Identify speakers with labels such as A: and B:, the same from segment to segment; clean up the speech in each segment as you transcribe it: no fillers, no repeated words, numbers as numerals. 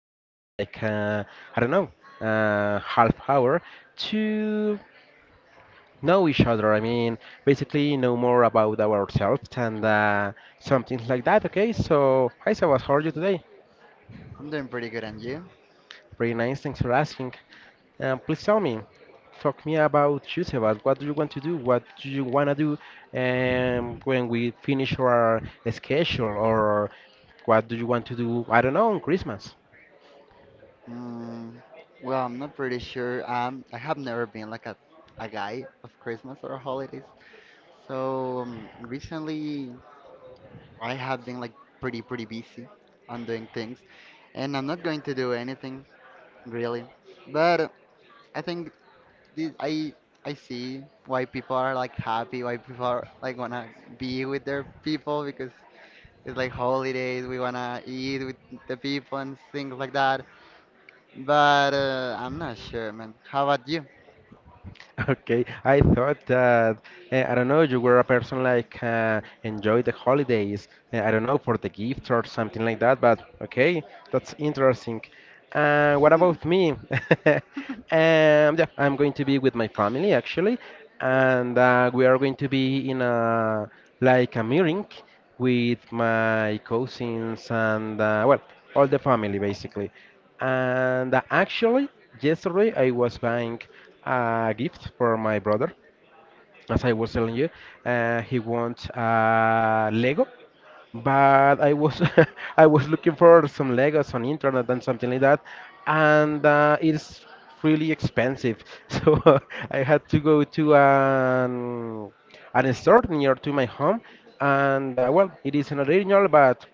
A: for like I don't know, half hour to know each other. I mean, basically know more about ourselves and something like that. Okay, so hi Sebas, how are you today?
B: I'm doing pretty good, and you?
A: Pretty nice, thanks for asking. Please tell me, talk me about you, Sebas. What do you want to do? What do you wanna do when we finish our schedule, or what do you want to do? I don't know, on Christmas.
B: Mm, well, I'm not pretty sure. I have never been like a guy of Christmas or holidays. So recently, I have been like pretty, pretty busy on doing things, and I'm not going to do anything really. But I think this, I see why people are like happy, why people are like wanna be with their people because it's like holidays. We wanna eat with the people and things like that. But I'm not sure, man. How about you?
A: Okay, I thought that I don't know, you were a person like enjoy the holidays. I don't know for the gift or something like that. But okay, that's interesting. What about me? Yeah, I'm going to be with my family actually, and we are going to be in a like a meeting with my cousins and well, all the family basically. And actually, yesterday I was buying a gift for my brother. As I was telling you, he wants Lego, but I was I was looking for some Legos on internet and something like that, and it's really expensive. So I had to go to an store near to my home, and well, it is an original, but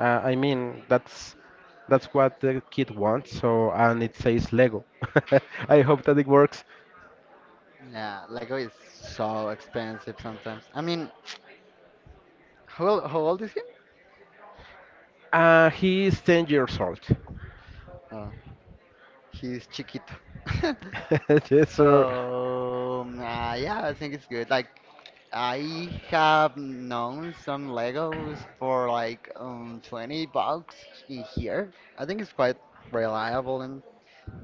A: I mean, that's what the kid wants. So, and it says Lego. I hope that it works.
B: Yeah, Lego is so expensive sometimes. I mean, how old is he?
A: He is 10 years old.
B: Oh, he's chiquito.
A: Yes, sir.
B: So, yeah, I think it's good. Like, I have known some Legos for like 20 bucks in here. I think it's quite reliable and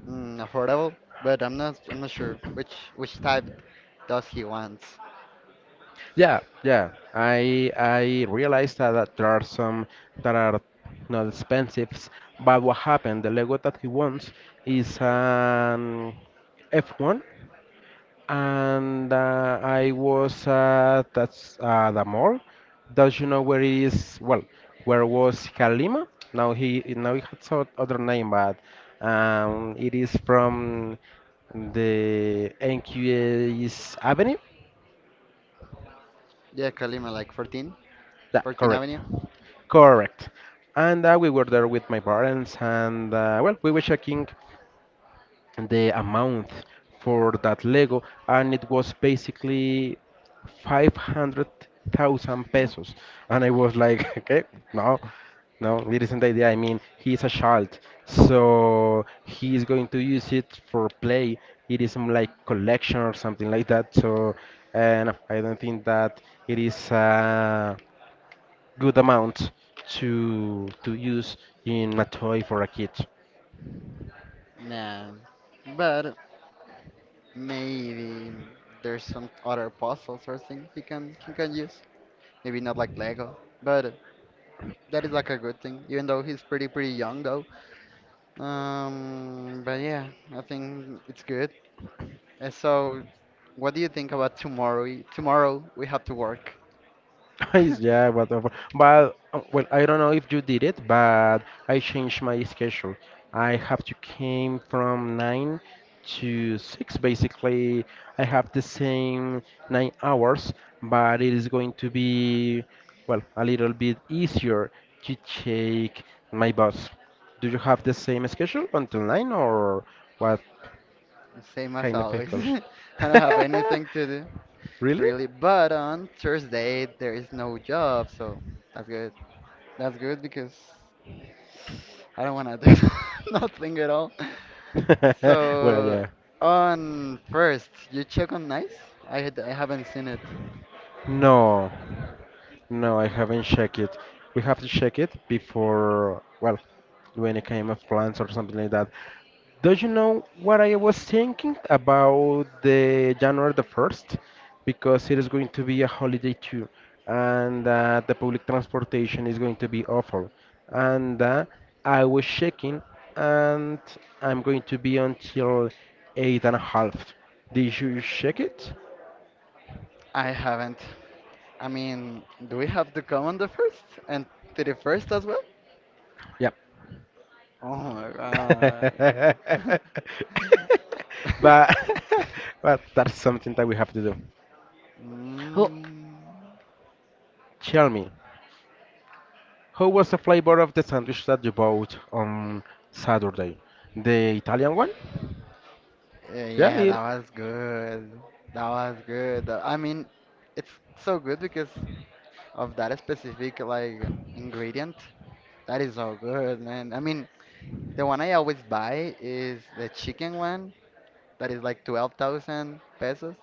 B: affordable, but I'm not sure which type does he wants.
A: Yeah, yeah. I realized that, that there are some that are not expensive, but what happened? The Lego that he wants is an F1 and I was at that's the mall. Does you know where it is? Well, where was Kalima? Now he has other name, but it is from the NQA's Avenue.
B: Yeah, Kalima, like 14,
A: Yeah,
B: 14
A: correct,
B: Avenue.
A: correct. And we were there with my parents, and well, we were checking. The amount for that Lego, and it was basically 500,000 pesos. And I was like, okay, no, no, it isn't the idea. I mean, he's a child, so he is going to use it for play. It isn't like collection or something like that. So, and I don't think that it is a good amount to use in a toy for a kid.
B: Nah, but maybe there's some other puzzles or thing he can use. Maybe not like Lego, but that is like a good thing. Even though he's pretty young though. But yeah, I think it's good. So, what do you think about tomorrow? Tomorrow we have to work.
A: Yes, yeah, whatever. But well, I don't know if you did it, but I changed my schedule. I have to came from 9 to 6. Basically, I have the same 9 hours, but it is going to be well a little bit easier to take my bus. Do you have the same schedule until 9, or what
B: Same as
A: kind of
B: always.
A: schedule?
B: I don't have anything to do
A: Really?
B: really. But on Thursday there is no job, so that's good. That's good because I don't wanna do nothing at all.
A: Well,
B: So
A: yeah.
B: on first, you check on Nice? I haven't seen it.
A: No, no, I haven't checked it. We have to check it before, well, do any kind of plans or something like that. Don't you know what I was thinking about the January the 1st? Because it is going to be a holiday too, and the public transportation is going to be awful. And I was checking, and I'm going to be until eight and a half. Did you check it?
B: I haven't. I mean, do we have to come on the first and 31st as well?
A: Yeah.
B: Oh my god.
A: but but that's something that we have to do. Oh,
B: Mm,
A: tell me, how was the flavor of the sandwich that you bought on Saturday? The Italian one?
B: eh,
A: Yeah,
B: yeah,
A: it.
B: that was good. That was good. I mean, it's so good because of that specific like ingredient. That is so good, man. I mean, the one I always buy is the chicken one that is like 12,000 pesos.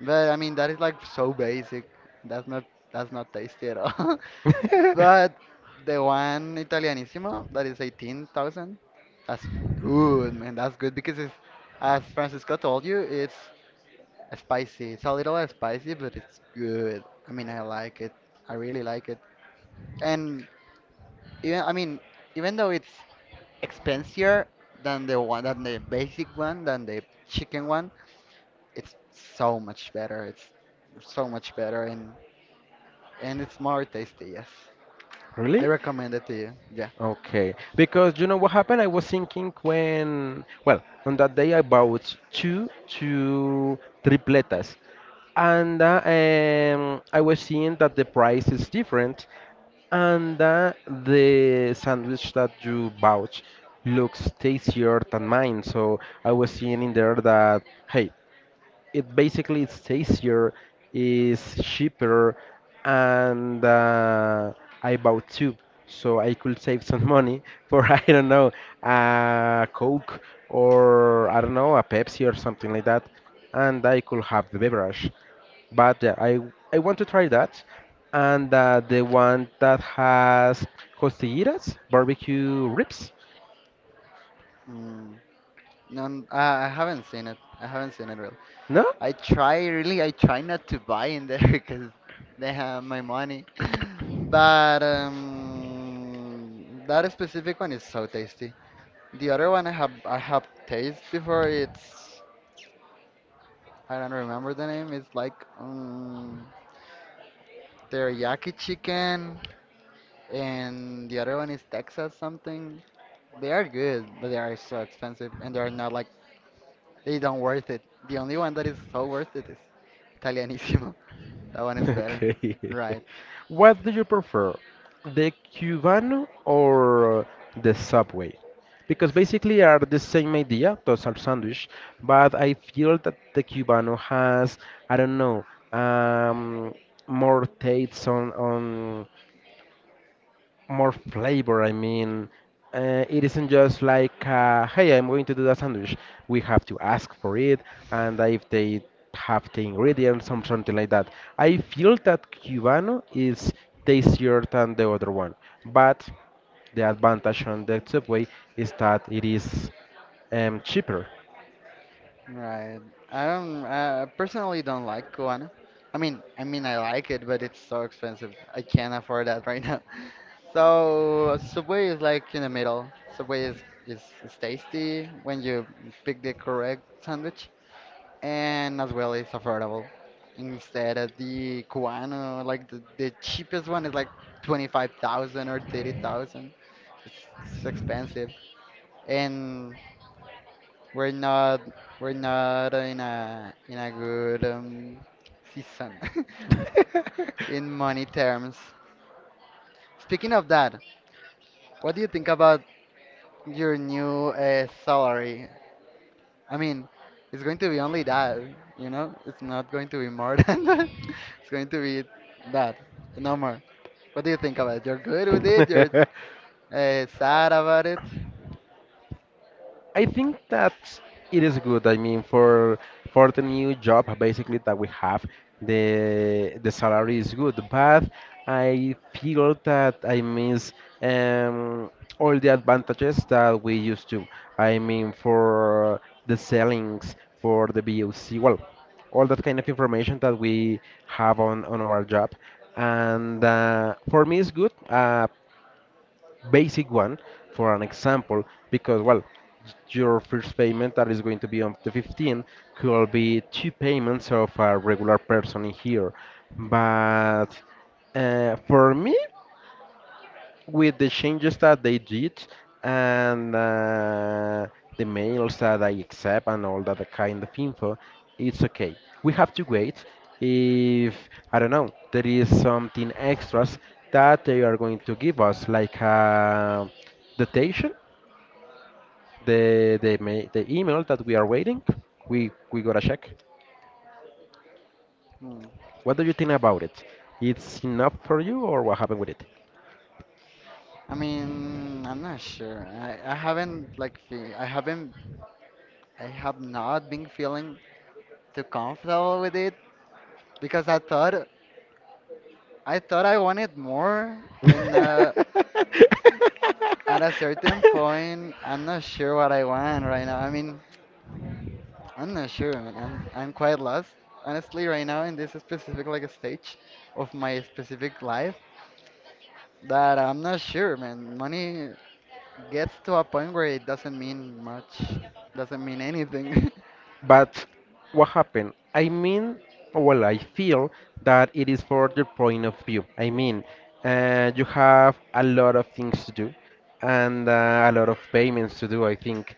B: But I mean, that is like so basic. That's not that's not tasty at all. But the one Italianissimo that is 18,000, that's good, man. That's good because as Francisco told you, it's spicy. It's a little spicy, but it's good. I mean, I like it. I really like it. And I mean, even though it's expensier than the one than the basic one than the chicken one, it's so much better, and it's more tasty, yes. I
A: Really?
B: recommend it to you, yeah.
A: Okay. Because you know what happened? I was thinking when, well, on that day I bought two tripletas, and I was seeing that the price is different and that the sandwich that you bought looks tastier than mine. So I was seeing in there that hey, it basically it's tastier, is cheaper, and I bought two, so I could save some money for I don't know a Coke or I don't know a Pepsi or something like that, and I could have the beverage. But yeah, I want to try that, and the one that has costillitas, barbecue ribs.
B: mm, no, I haven't seen it really.
A: No?
B: I try not to buy in there because they have my money. But that specific one is so tasty. The other one I have tasted before. It's I don't remember the name. It's like teriyaki chicken, and the other one is Texas something. They are good, but they are so expensive, and they are not like, they don't worth it. The only one that is so worth it is Italianissimo. That one is better,
A: Okay.
B: right?
A: What do you prefer, the Cubano or the Subway? Because basically are the same idea, those are sandwich, but I feel that the Cubano has, I don't know, um, more taste on more flavor. I mean, it isn't just like, hey, I'm going to do a sandwich. We have to ask for it, and if they have the ingredients or something like that. I feel that Cubano is tastier than the other one, but the advantage on the Subway is that it is cheaper.
B: Right. I don't. I personally don't like guano. I mean, I like it, but it's so expensive. I can't afford that right now. So Subway is like in the middle. Subway is tasty when you pick the correct sandwich, and as well it's affordable. Instead of the guano, like the cheapest one is like 25,000 or 30,000. It's, it's expensive, and we're not we're not in a good season in money terms. Speaking of that, what do you think about your new salary? I mean, it's going to be only that, you know? It's not going to be more than that. It's going to be that, no more. What do you think about it? You're good with it? You're sad about it?
A: I think that it is good. I mean, for the new job basically that we have, the salary is good, but I feel that I miss um, all the advantages that we used to. I mean, for the sellings, for the BOC, well, all that kind of information that we have on our job, and for me it's good. Basic one for an example because well your first payment that is going to be on the 15th could be two payments of a regular person in here but for me with the changes that they did and the mails that I accept and all that kind of info, it's okay. We have to wait if, I don't know, there is something extras that they are going to give us, like datation, the email that we are waiting. We gotta check.
B: Hmm.
A: What do you think about it? It's enough for you, or what happened with
B: I mean, I'm not sure. I haven't like fe- I haven't I have not been feeling too comfortable with it because I thought I wanted more,
A: it?
B: and at a certain point, I'm not sure what I want right now. I mean, I'm not sure, man. I'm quite lost, honestly, right now in this specific like stage of my specific life that I'm not sure, man. Money gets to a point where it doesn't mean much, doesn't mean anything.
A: But what happened? I mean, well, I feel that it is for your point of view. I mean, you have a lot of things to do and a lot of payments to do, I think.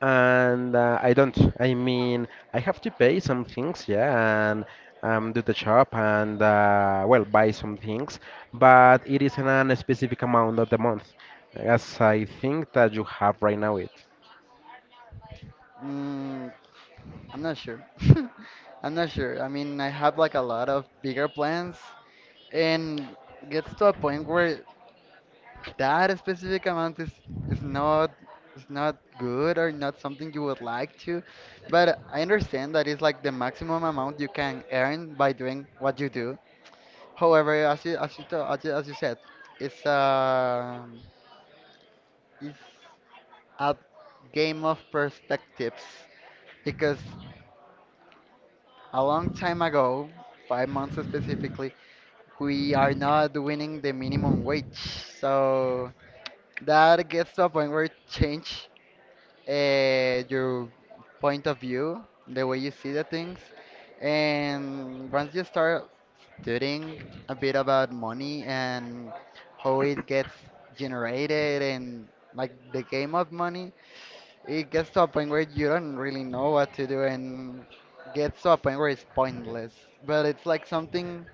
A: And I don't. I mean, I have to pay some things, yeah, and do the shop and, well, buy some things, but it isn't a specific amount of the month, as I think that you have right now it.
B: mm, I'm not sure. I'm not sure. I mean, I have like a lot of bigger plans and gets to a point where that specific amount is not is not good or not something you would like to. But I understand that it's like the maximum amount you can earn by doing what you do. However, as you, to- as you said, it's um it's a game of perspectives because a long time ago 5 months specifically we are not winning the minimum wage. So that gets to a point where it change your point of view, the way you see the things, and once you start studying a bit about money and how it gets generated and like the game of money, it gets to a point where you don't really know what to do and gets to a point where it's pointless. But it's like something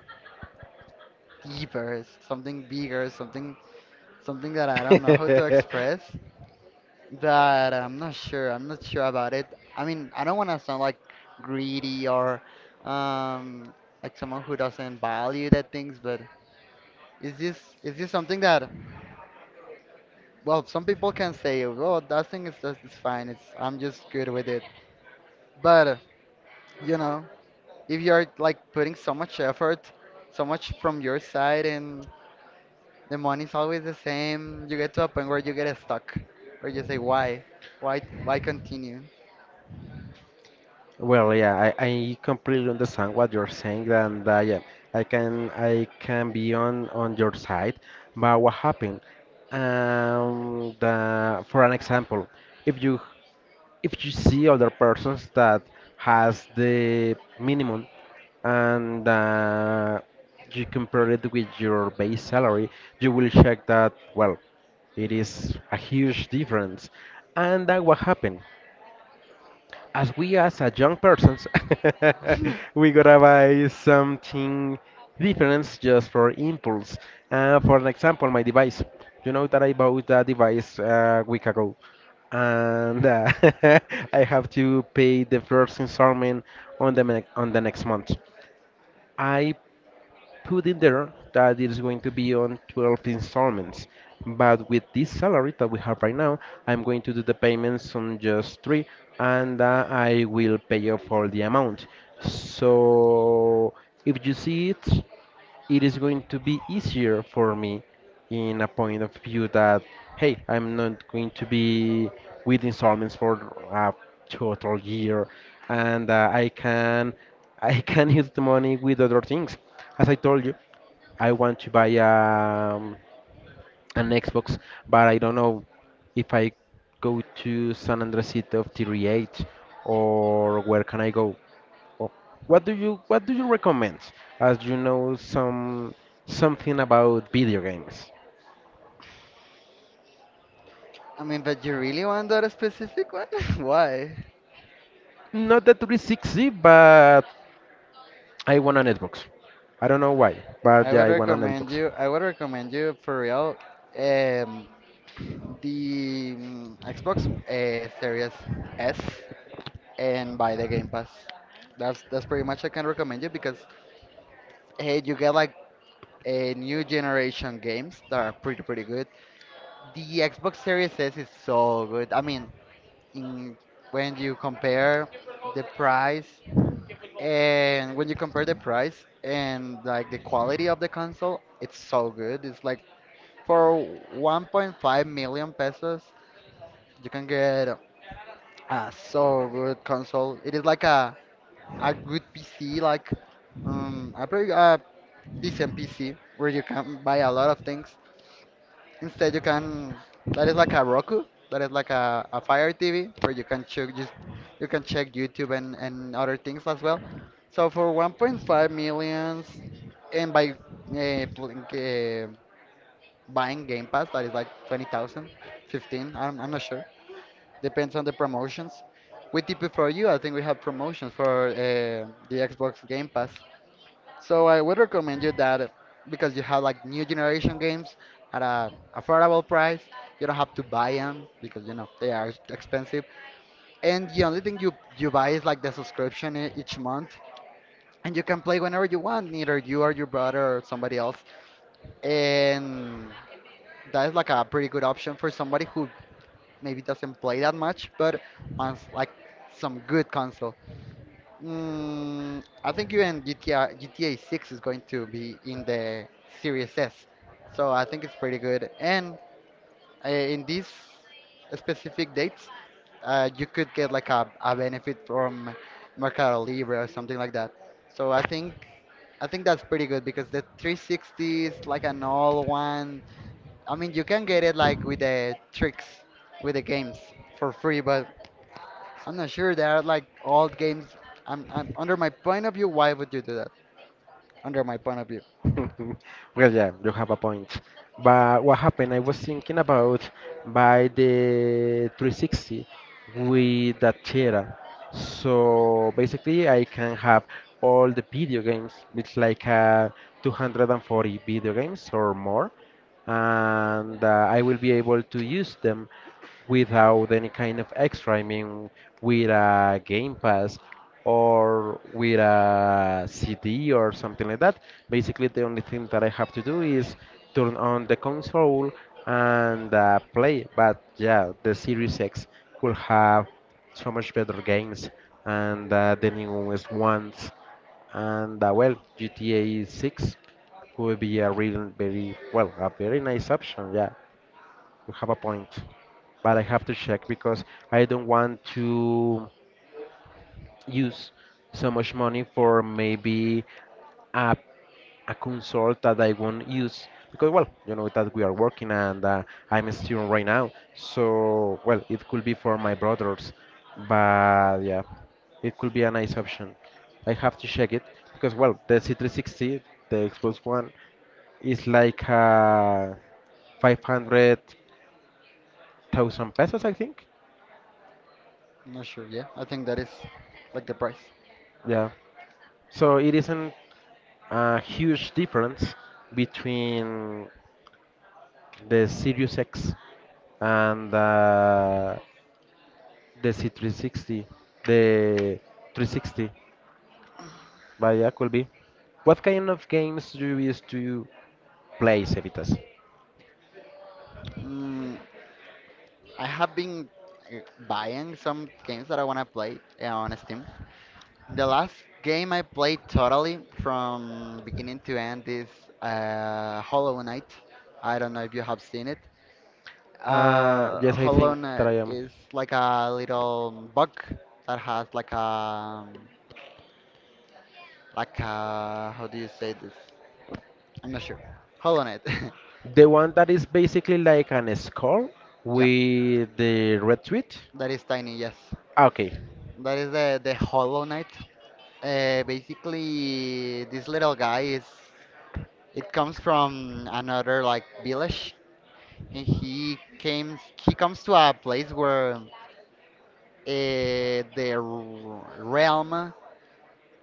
B: deeper, something bigger, something that I don't know how to express. But I'm not sure. I'm not sure about it. I mean, I don't want to sound like greedy or um, like someone who doesn't value the things, but is this something that, well, some people can say, "Oh, that thing is just, it's fine. It's I'm just good with it." But you know, if you're like putting so much effort, so much from your side, and the money's always the same, you get to a point where you get stuck, or you say, "Why? Why? Why continue?"
A: Well, yeah, I completely understand what you're saying, and yeah, I can be on your side. But what happened? The, for an example, if you if you see other persons that has the minimum and you compare it with your base salary, you will check that well, it is a huge difference. And that what happened? As we as a young persons we gotta buy something different just for impulse for an example my device you know that I bought that device a week ago and I have to pay the first installment on the on the next month I put in there that it is going to be on 12 installments. But with this salary that we have right now, I'm going to do the payments on just three and I will pay off all the amount. So if you see it, it is going to be easier for me in a point of view that, hey, I'm not going to be with installments for a total year and I can use the money with other things as I told you, I want to buy an Xbox, but I don't know if I go to San Andresito of TRH or where can I go? Or what do you recommend? As you know some something about video games.
B: I mean, but you really want that specific one? Why?
A: Not the 360, but I want an Xbox. I don't know why, but
B: I
A: yeah,
B: would
A: I want an
B: recommend
A: Xbox.
B: you. I would recommend you for real. Um, the Xbox Series S, and buy the Game Pass. That's pretty much I can recommend you because hey, you get like a new generation games that are pretty good. The Xbox Series S is so good. I mean, in when you compare the price, and when you compare the price and like the quality of the console, it's so good. It's like for 1.5 million pesos, you can get a so good console. It is like a good PC, like a pretty decent PC where you can buy a lot of things. Instead, you can that is like a Roku, that is like a Fire TV, where you can check YouTube and other things as well. So for 1.5 millions, and by pl buying Game Pass, that is like 20,000, 15, I'm not sure. Depends on the promotions. We tip it for you. I think we have promotions for the Xbox Game Pass. So I would recommend you that because you have like new generation games at a affordable price. You don't have to buy them because you know they are expensive. And the only thing you buy is like the subscription each month, and you can play whenever you want, neither you or your brother or somebody else. And that is like a pretty good option for somebody who maybe doesn't play that much, but wants like some good console. I think even GTA 6 is going to be in the Series S, so I think it's pretty good. And in these specific dates, you could get like a benefit from Mercado Libre or something like that. So I think that's pretty good because the 360 is like an all one. I mean, you can get it like with the tricks with the games for free, but I'm not sure. There are like old games. I'm under my point of view. Why would you do that? Under my point of view,
A: Well, yeah, you have a point. But what happened? I was thinking about by the 360 with that Tera. So basically, I can have all the video games. It's like 240 video games or more, and I will be able to use them without any kind of extra. I mean, with a Game Pass or with a CD or something like that. Basically, the only thing that I have to do is turn on the console and play. But yeah, the Series X could have so much better games and the newest ones. And well, GTA 6 could be a really very well a very nice option. Yeah, you have a point, but I have to check because I don't want to use so much money for maybe a, a console that I won't use because well you know that we are working and I'm a student right now so well it could be for my brothers but yeah it could be a nice option I have to check it because well the C360 the Xbox One is like 500,000 pesos I think
B: I'm not sure. Yeah, I think that is like the price.
A: yeah so it isn't a huge difference between the Sirius X, and the C360, the 360 by Appleby. What kind of games do you used to play, Cevitas?
B: Mm, I have been uh, buying some games that I wanna play on Steam. The last game I played totally from beginning to end is Hollow Knight. I don't know if you have seen it.
A: Uh, yes, I
B: Hollow
A: think that
B: Knight
A: I am.
B: is like a little bug that has like a like how do you say this? I'm not sure. Hollow Knight.
A: The one that is basically like an skull
B: Yeah,
A: with the red tweet.
B: that is tiny, yes.
A: Ah, okay.
B: That is the Hollow Knight. Basically, this little guy is it comes from another like village, and he comes to a place where the realm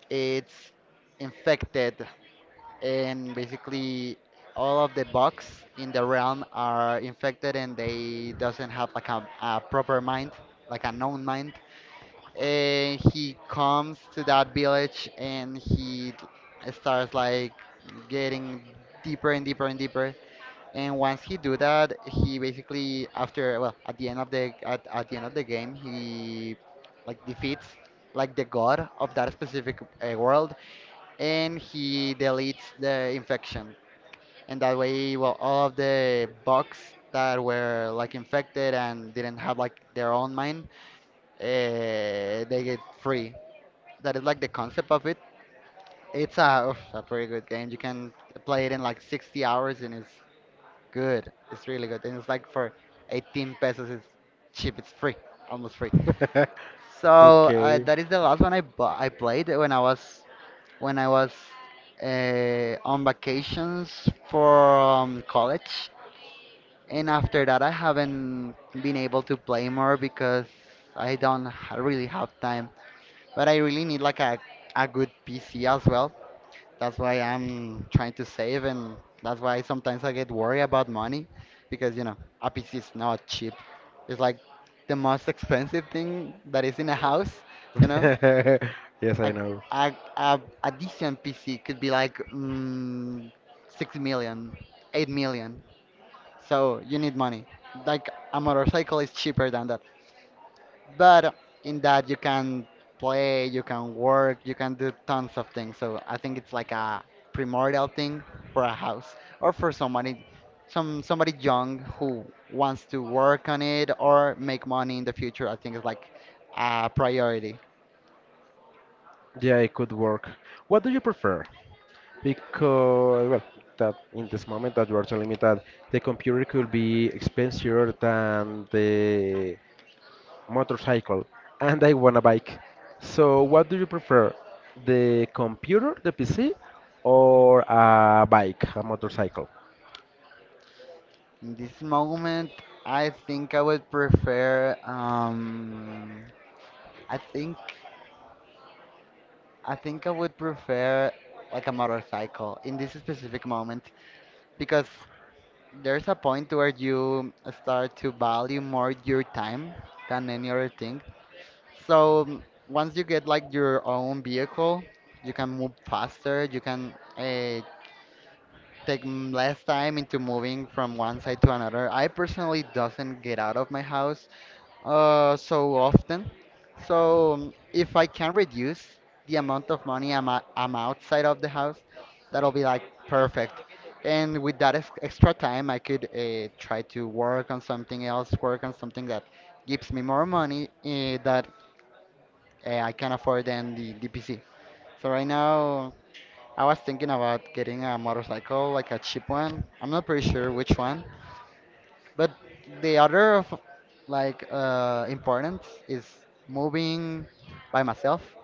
B: it's infected. And basically all of the bugs in the realm are infected and they doesn't have like a proper mind, like a known mind. And he comes to that village and starts like getting deeper and deeper and deeper. And once he do that, he basically, after, well, at the end of the at the end of the game, he like defeats like the god of that specific world, and he deletes the infection. And that way, well, all of the bugs that were like infected and didn't have like their own mind, they get free. That is like the concept of it. A pretty good game. You can play it in like 60 hours, and it's good. It's really good. And it's like for 18 pesos. It's cheap. It's free. Almost free. So
A: Okay.
B: that is the last one I played when I was when I was on vacations from college. And after that, I haven't been able to play more because I don't really have time. But I really need like a good PC as well. That's why I'm trying to save, and that's why sometimes I get worried about money because, you know, a PC is not cheap. It's like the most expensive thing that is in a house. You know,
A: Yes, I
B: a
A: know.
B: a decent PC could be like 6 million, 8 million. So you need money. Like, a motorcycle is cheaper than that. But in that you can play, you can work, you can do tons of things. So I think it's like a primordial thing for a house or for somebody, somebody young who wants to work on it or make money in the future. I think it's like a priority.
A: Yeah, it could work. What do you prefer? Because well, that in this moment that you are telling me that the computer could be expensier than the motorcycle, and I want a bike. So what do you prefer? The computer, the PC, or a bike, a motorcycle?
B: In this moment, I think I would prefer um I think I think I would prefer like a motorcycle in this specific moment, because there's a point where you start to value more your time than any other thing. So, once you get like your own vehicle, you can move faster, you can take less time into moving from one side to another. I personally doesn't get out of my house so often. So, if I can reduce the amount of money I'm outside of the house, that'll be like perfect. And with that extra time, I could try to work on something else, work on something that gives me more money, that I can afford than the PC. So right now, I was thinking about getting a motorcycle, like a cheap one. I'm not pretty sure which one, but the other of like, importance is moving by myself,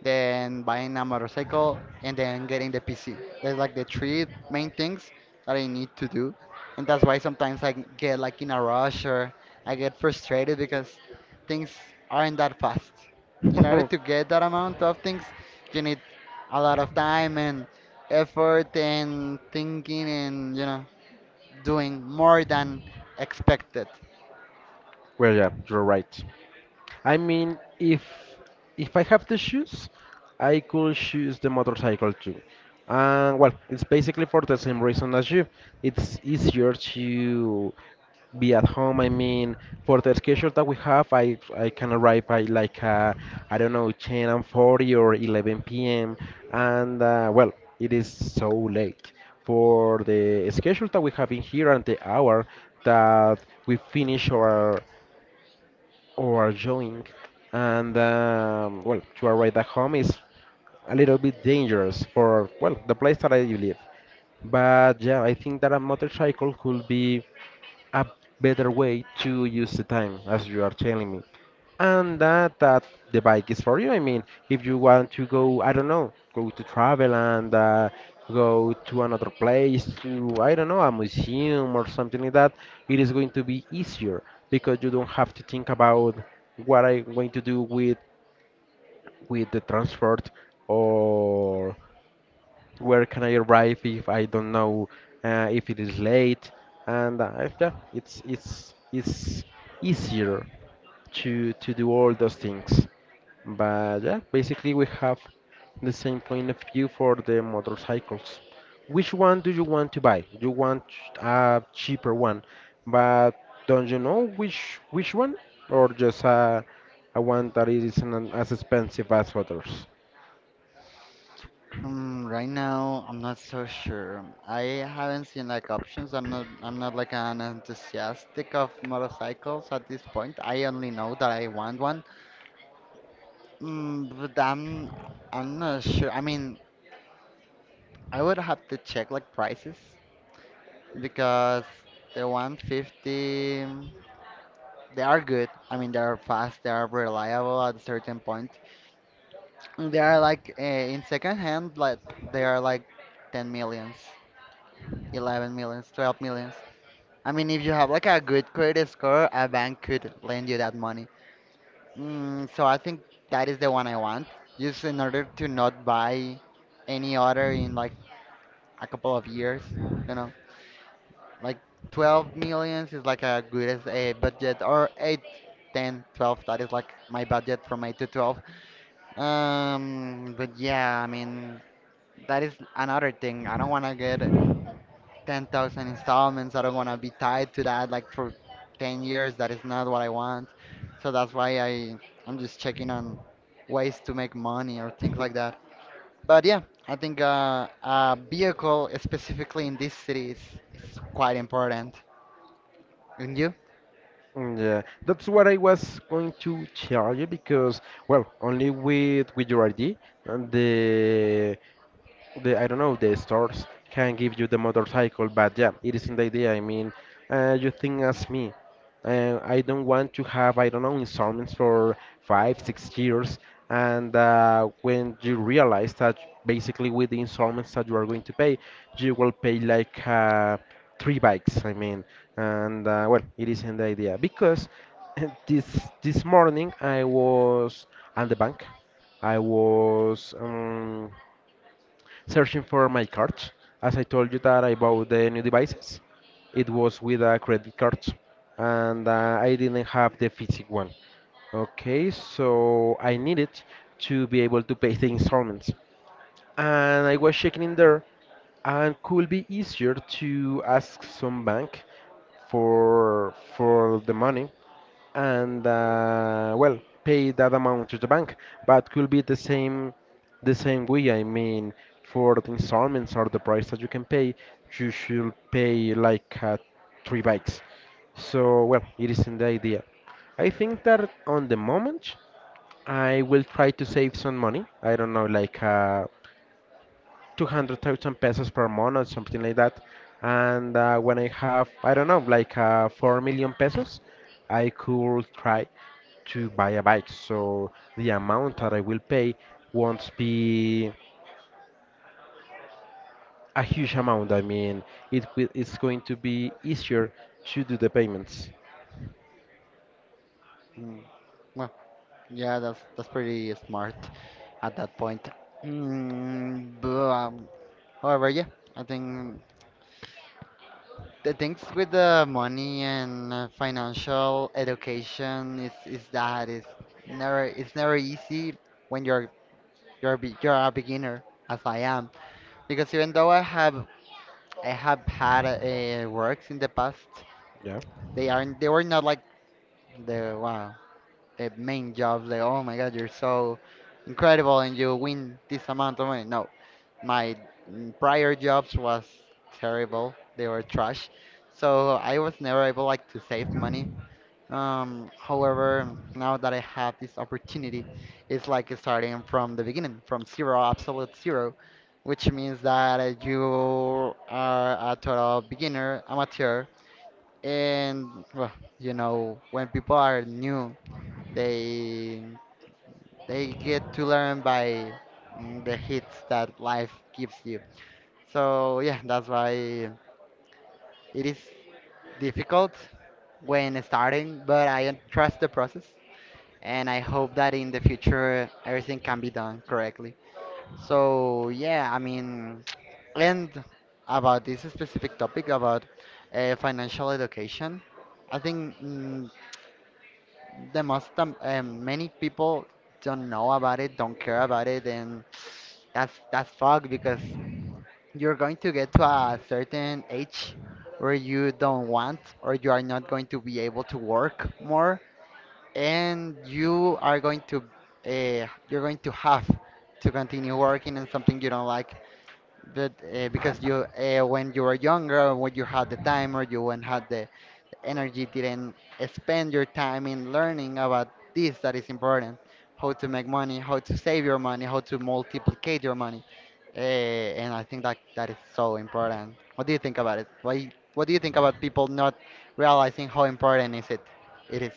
B: then buying a motorcycle, and then getting the PC. There's like the three main things that I need to do, and that's why sometimes I get like in a rush or I get frustrated because things aren't that fast. In order to get that amount of things, you need a lot of time and effort and thinking and, you know, doing more than expected.
A: Well, yeah, you're right. I mean, if I have to choose, I could choose the motorcycle too. And well, it's basically for the same reason as you. It's easier to be at home. I mean, for the schedule that we have, I can arrive by like I don't know, 10:40 or 11 p.m. And well, it is so late for the schedule that we have in here and the hour that we finish our or join. And well, to arrive at home is a little bit dangerous for well the place that I live. But yeah, I think that a motorcycle could be a better way to use the time, as you are telling me. And that the bike is for you. I mean, if you want to go, I don't know, go to travel and go to another place, to I don't know, a museum or something like that, it is going to be easier because you don't have to think about what I'm going to do with the transport, or where can I arrive if I don't know if it is late, and yeah, it's easier to do all those things. But yeah, basically we have the same point of view for the motorcycles. Which one do you want to buy? You want a cheaper one, but don't you know which one, or just a one that is isn't as expensive as others?
B: Right now, I'm not so sure. I haven't seen like options. I'm not like an enthusiastic of motorcycles at this point. I only know that I want one. But I'm not sure. I mean, I would have to check like prices, because the 150, they are good. I mean, they are fast, they are reliable at a certain point. And they are like, in second hand, like they are like 10 millions, 11 millions, 12 millions. I mean, if you have like a good credit score, a bank could lend you that money. So I think that is the one I want, just in order to not buy any other in like a couple of years. You know, like, 12 millions is like a good as a budget, or 8, 10, 12. That is like my budget from 8 to 12. But yeah, I mean, that is another thing. I don't want to get 10,000 installments. I don't want to be tied to that like for 10 years. That is not what I want. So that's why I'm just checking on ways to make money or things like that. But yeah, I think, a vehicle specifically in this city is quite important. And you?
A: Mm, yeah, that's what I was going to tell you because, well, only with your ID and the I don't know, the stores can give you the motorcycle, but yeah, it isn't the idea. I mean, you think as me, I don't want to have, I don't know, installments for 5 6 years, and when you realize that basically with the installments that you are going to pay, you will pay like three bikes. I mean, and well, it isn't the idea because this morning I was at the bank. I was searching for my cards. As I told you that I bought the new devices, it was with a credit card, and I didn't have the physical one. Okay, so I needed to be able to pay the installments, and I was checking in there, and could be easier to ask some bank for the money and well, pay that amount to the bank, but could be the same the same way. I mean, for the installments or the price that you can pay, you should pay like three bikes. So well, it isn't the idea. I think that on the moment I will try to save some money, I don't know, like 200,000 pesos per month or something like that. And when I have, I don't know, like 4 million pesos, I could try to buy a bike. So the amount that I will pay won't be a huge amount. I mean, it's going to be easier to do the payments.
B: Mm, Well, yeah, that's pretty smart at that point. But, however, yeah, I think the things with the money and, financial education is that it's never easy when you're a beginner as I am, because even though I have had, works in the past,
A: Yeah.
B: they were not like the wow, the main jobs like, "Oh my god, you're so incredible and you win this amount of money." No, my prior jobs was terrible, they were trash. So I was never able like to save money. However, now that I have this opportunity, it's like starting from the beginning, from zero, absolute zero, which means that, you are a total beginner, amateur, and well, you know, when people are new, they they get to learn by, the hits that life gives you. So yeah, that's why it is difficult when starting, but I trust the process and I hope that in the future everything can be done correctly. So yeah, I mean, and about this specific topic about, financial education, I think, the most many people don't know about it, don't care about it. And that's fucked because you're going to get to a certain age where you don't want or you are not going to be able to work more, and you are going to, you're going to have to continue working on something you don't like. But, because you, when you were younger or when you had the time or you when had the energy didn't spend your time in learning about this that is important: how to make money, how to save your money, how to multiplicate your money. And I think that that is so important. What do you think about it? Why What do you think about people not realizing how important is it it is?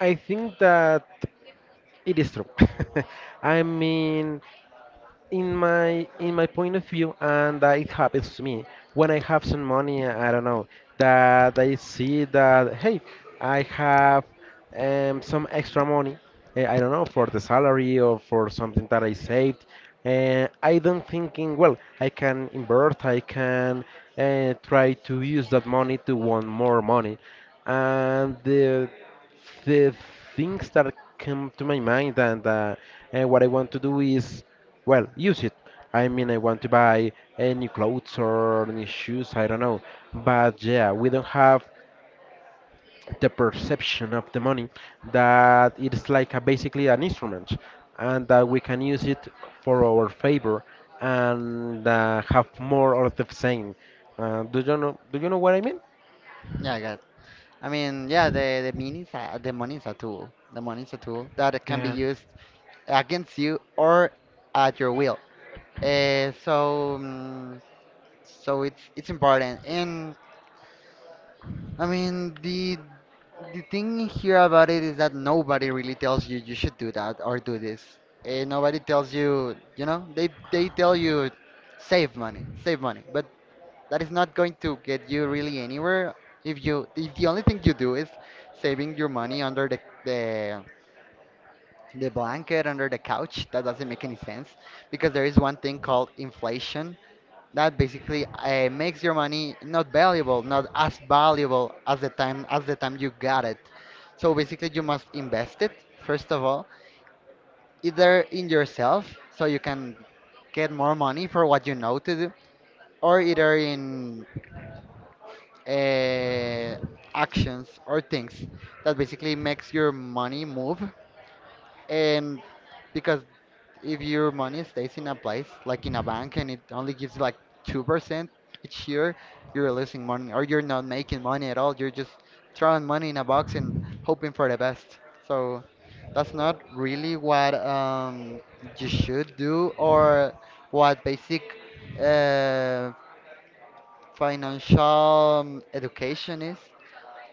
A: I think that it is true. I mean, in my point of view, and that it happens to me when I have some money, I don't know, that I see that, hey, I have some extra money, I don't know, for the salary or for something that I saved, and I don't thinking, well, I can invert, I can try to use that money to want more money, and the things that come to my mind and what I want to do is, well, use it. I mean, I want to buy new clothes or new shoes, I don't know. But yeah, we don't have the perception of the money that it's like a, basically an instrument, and that we can use it for our favor and have more or the same. Do you know what I mean?
B: Yeah, I mean, yeah, the the money is a tool. The money is a tool that it can be
A: Yeah.
B: used against you or at your will. So, it's important. And I mean, the thing here about it is that nobody really tells you you should do that or do this. Nobody tells you, you know, they tell you save money, but that is not going to get you really anywhere if you, if the only thing you do is saving your money under the the blanket, under the couch. That doesn't make any sense because there is one thing called inflation that basically, makes your money not valuable, not as valuable as the time you got it. So basically you must invest it, first of all, either in yourself so you can get more money for what you know to do, or either in, uh, actions or things that basically makes your money move. And because, if your money stays in a place like in a bank and it only gives you like 2% each year, you're losing money or you're not making money at all. You're just throwing money in a box and hoping for the best. So that's not really what, you should do, or what basic, uh, financial, education is.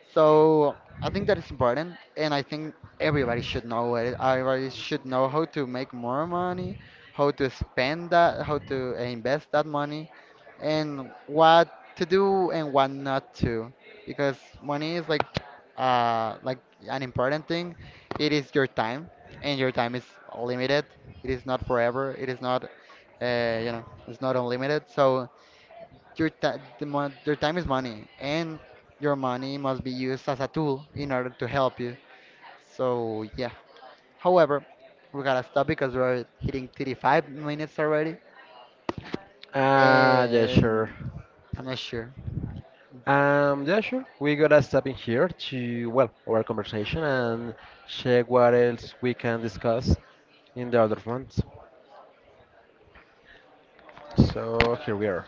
B: So I think that is important, and I think everybody should know it. Everybody should know how to make more money, how to spend that, how to invest that money, and what to do and what not to. Because money is like an important thing. It is your time, and your time is limited. It is not forever. It is not, you know, it's not unlimited. So your time is money, and your money must be used as a tool in order to help you. So yeah. However, we gotta stop because we're hitting 35 minutes already,
A: Ah, yeah, sure.
B: and I'm not sure.
A: Yeah, sure. We gotta stop in here to, well, our conversation and check what else we can discuss in the other ones. So here we are.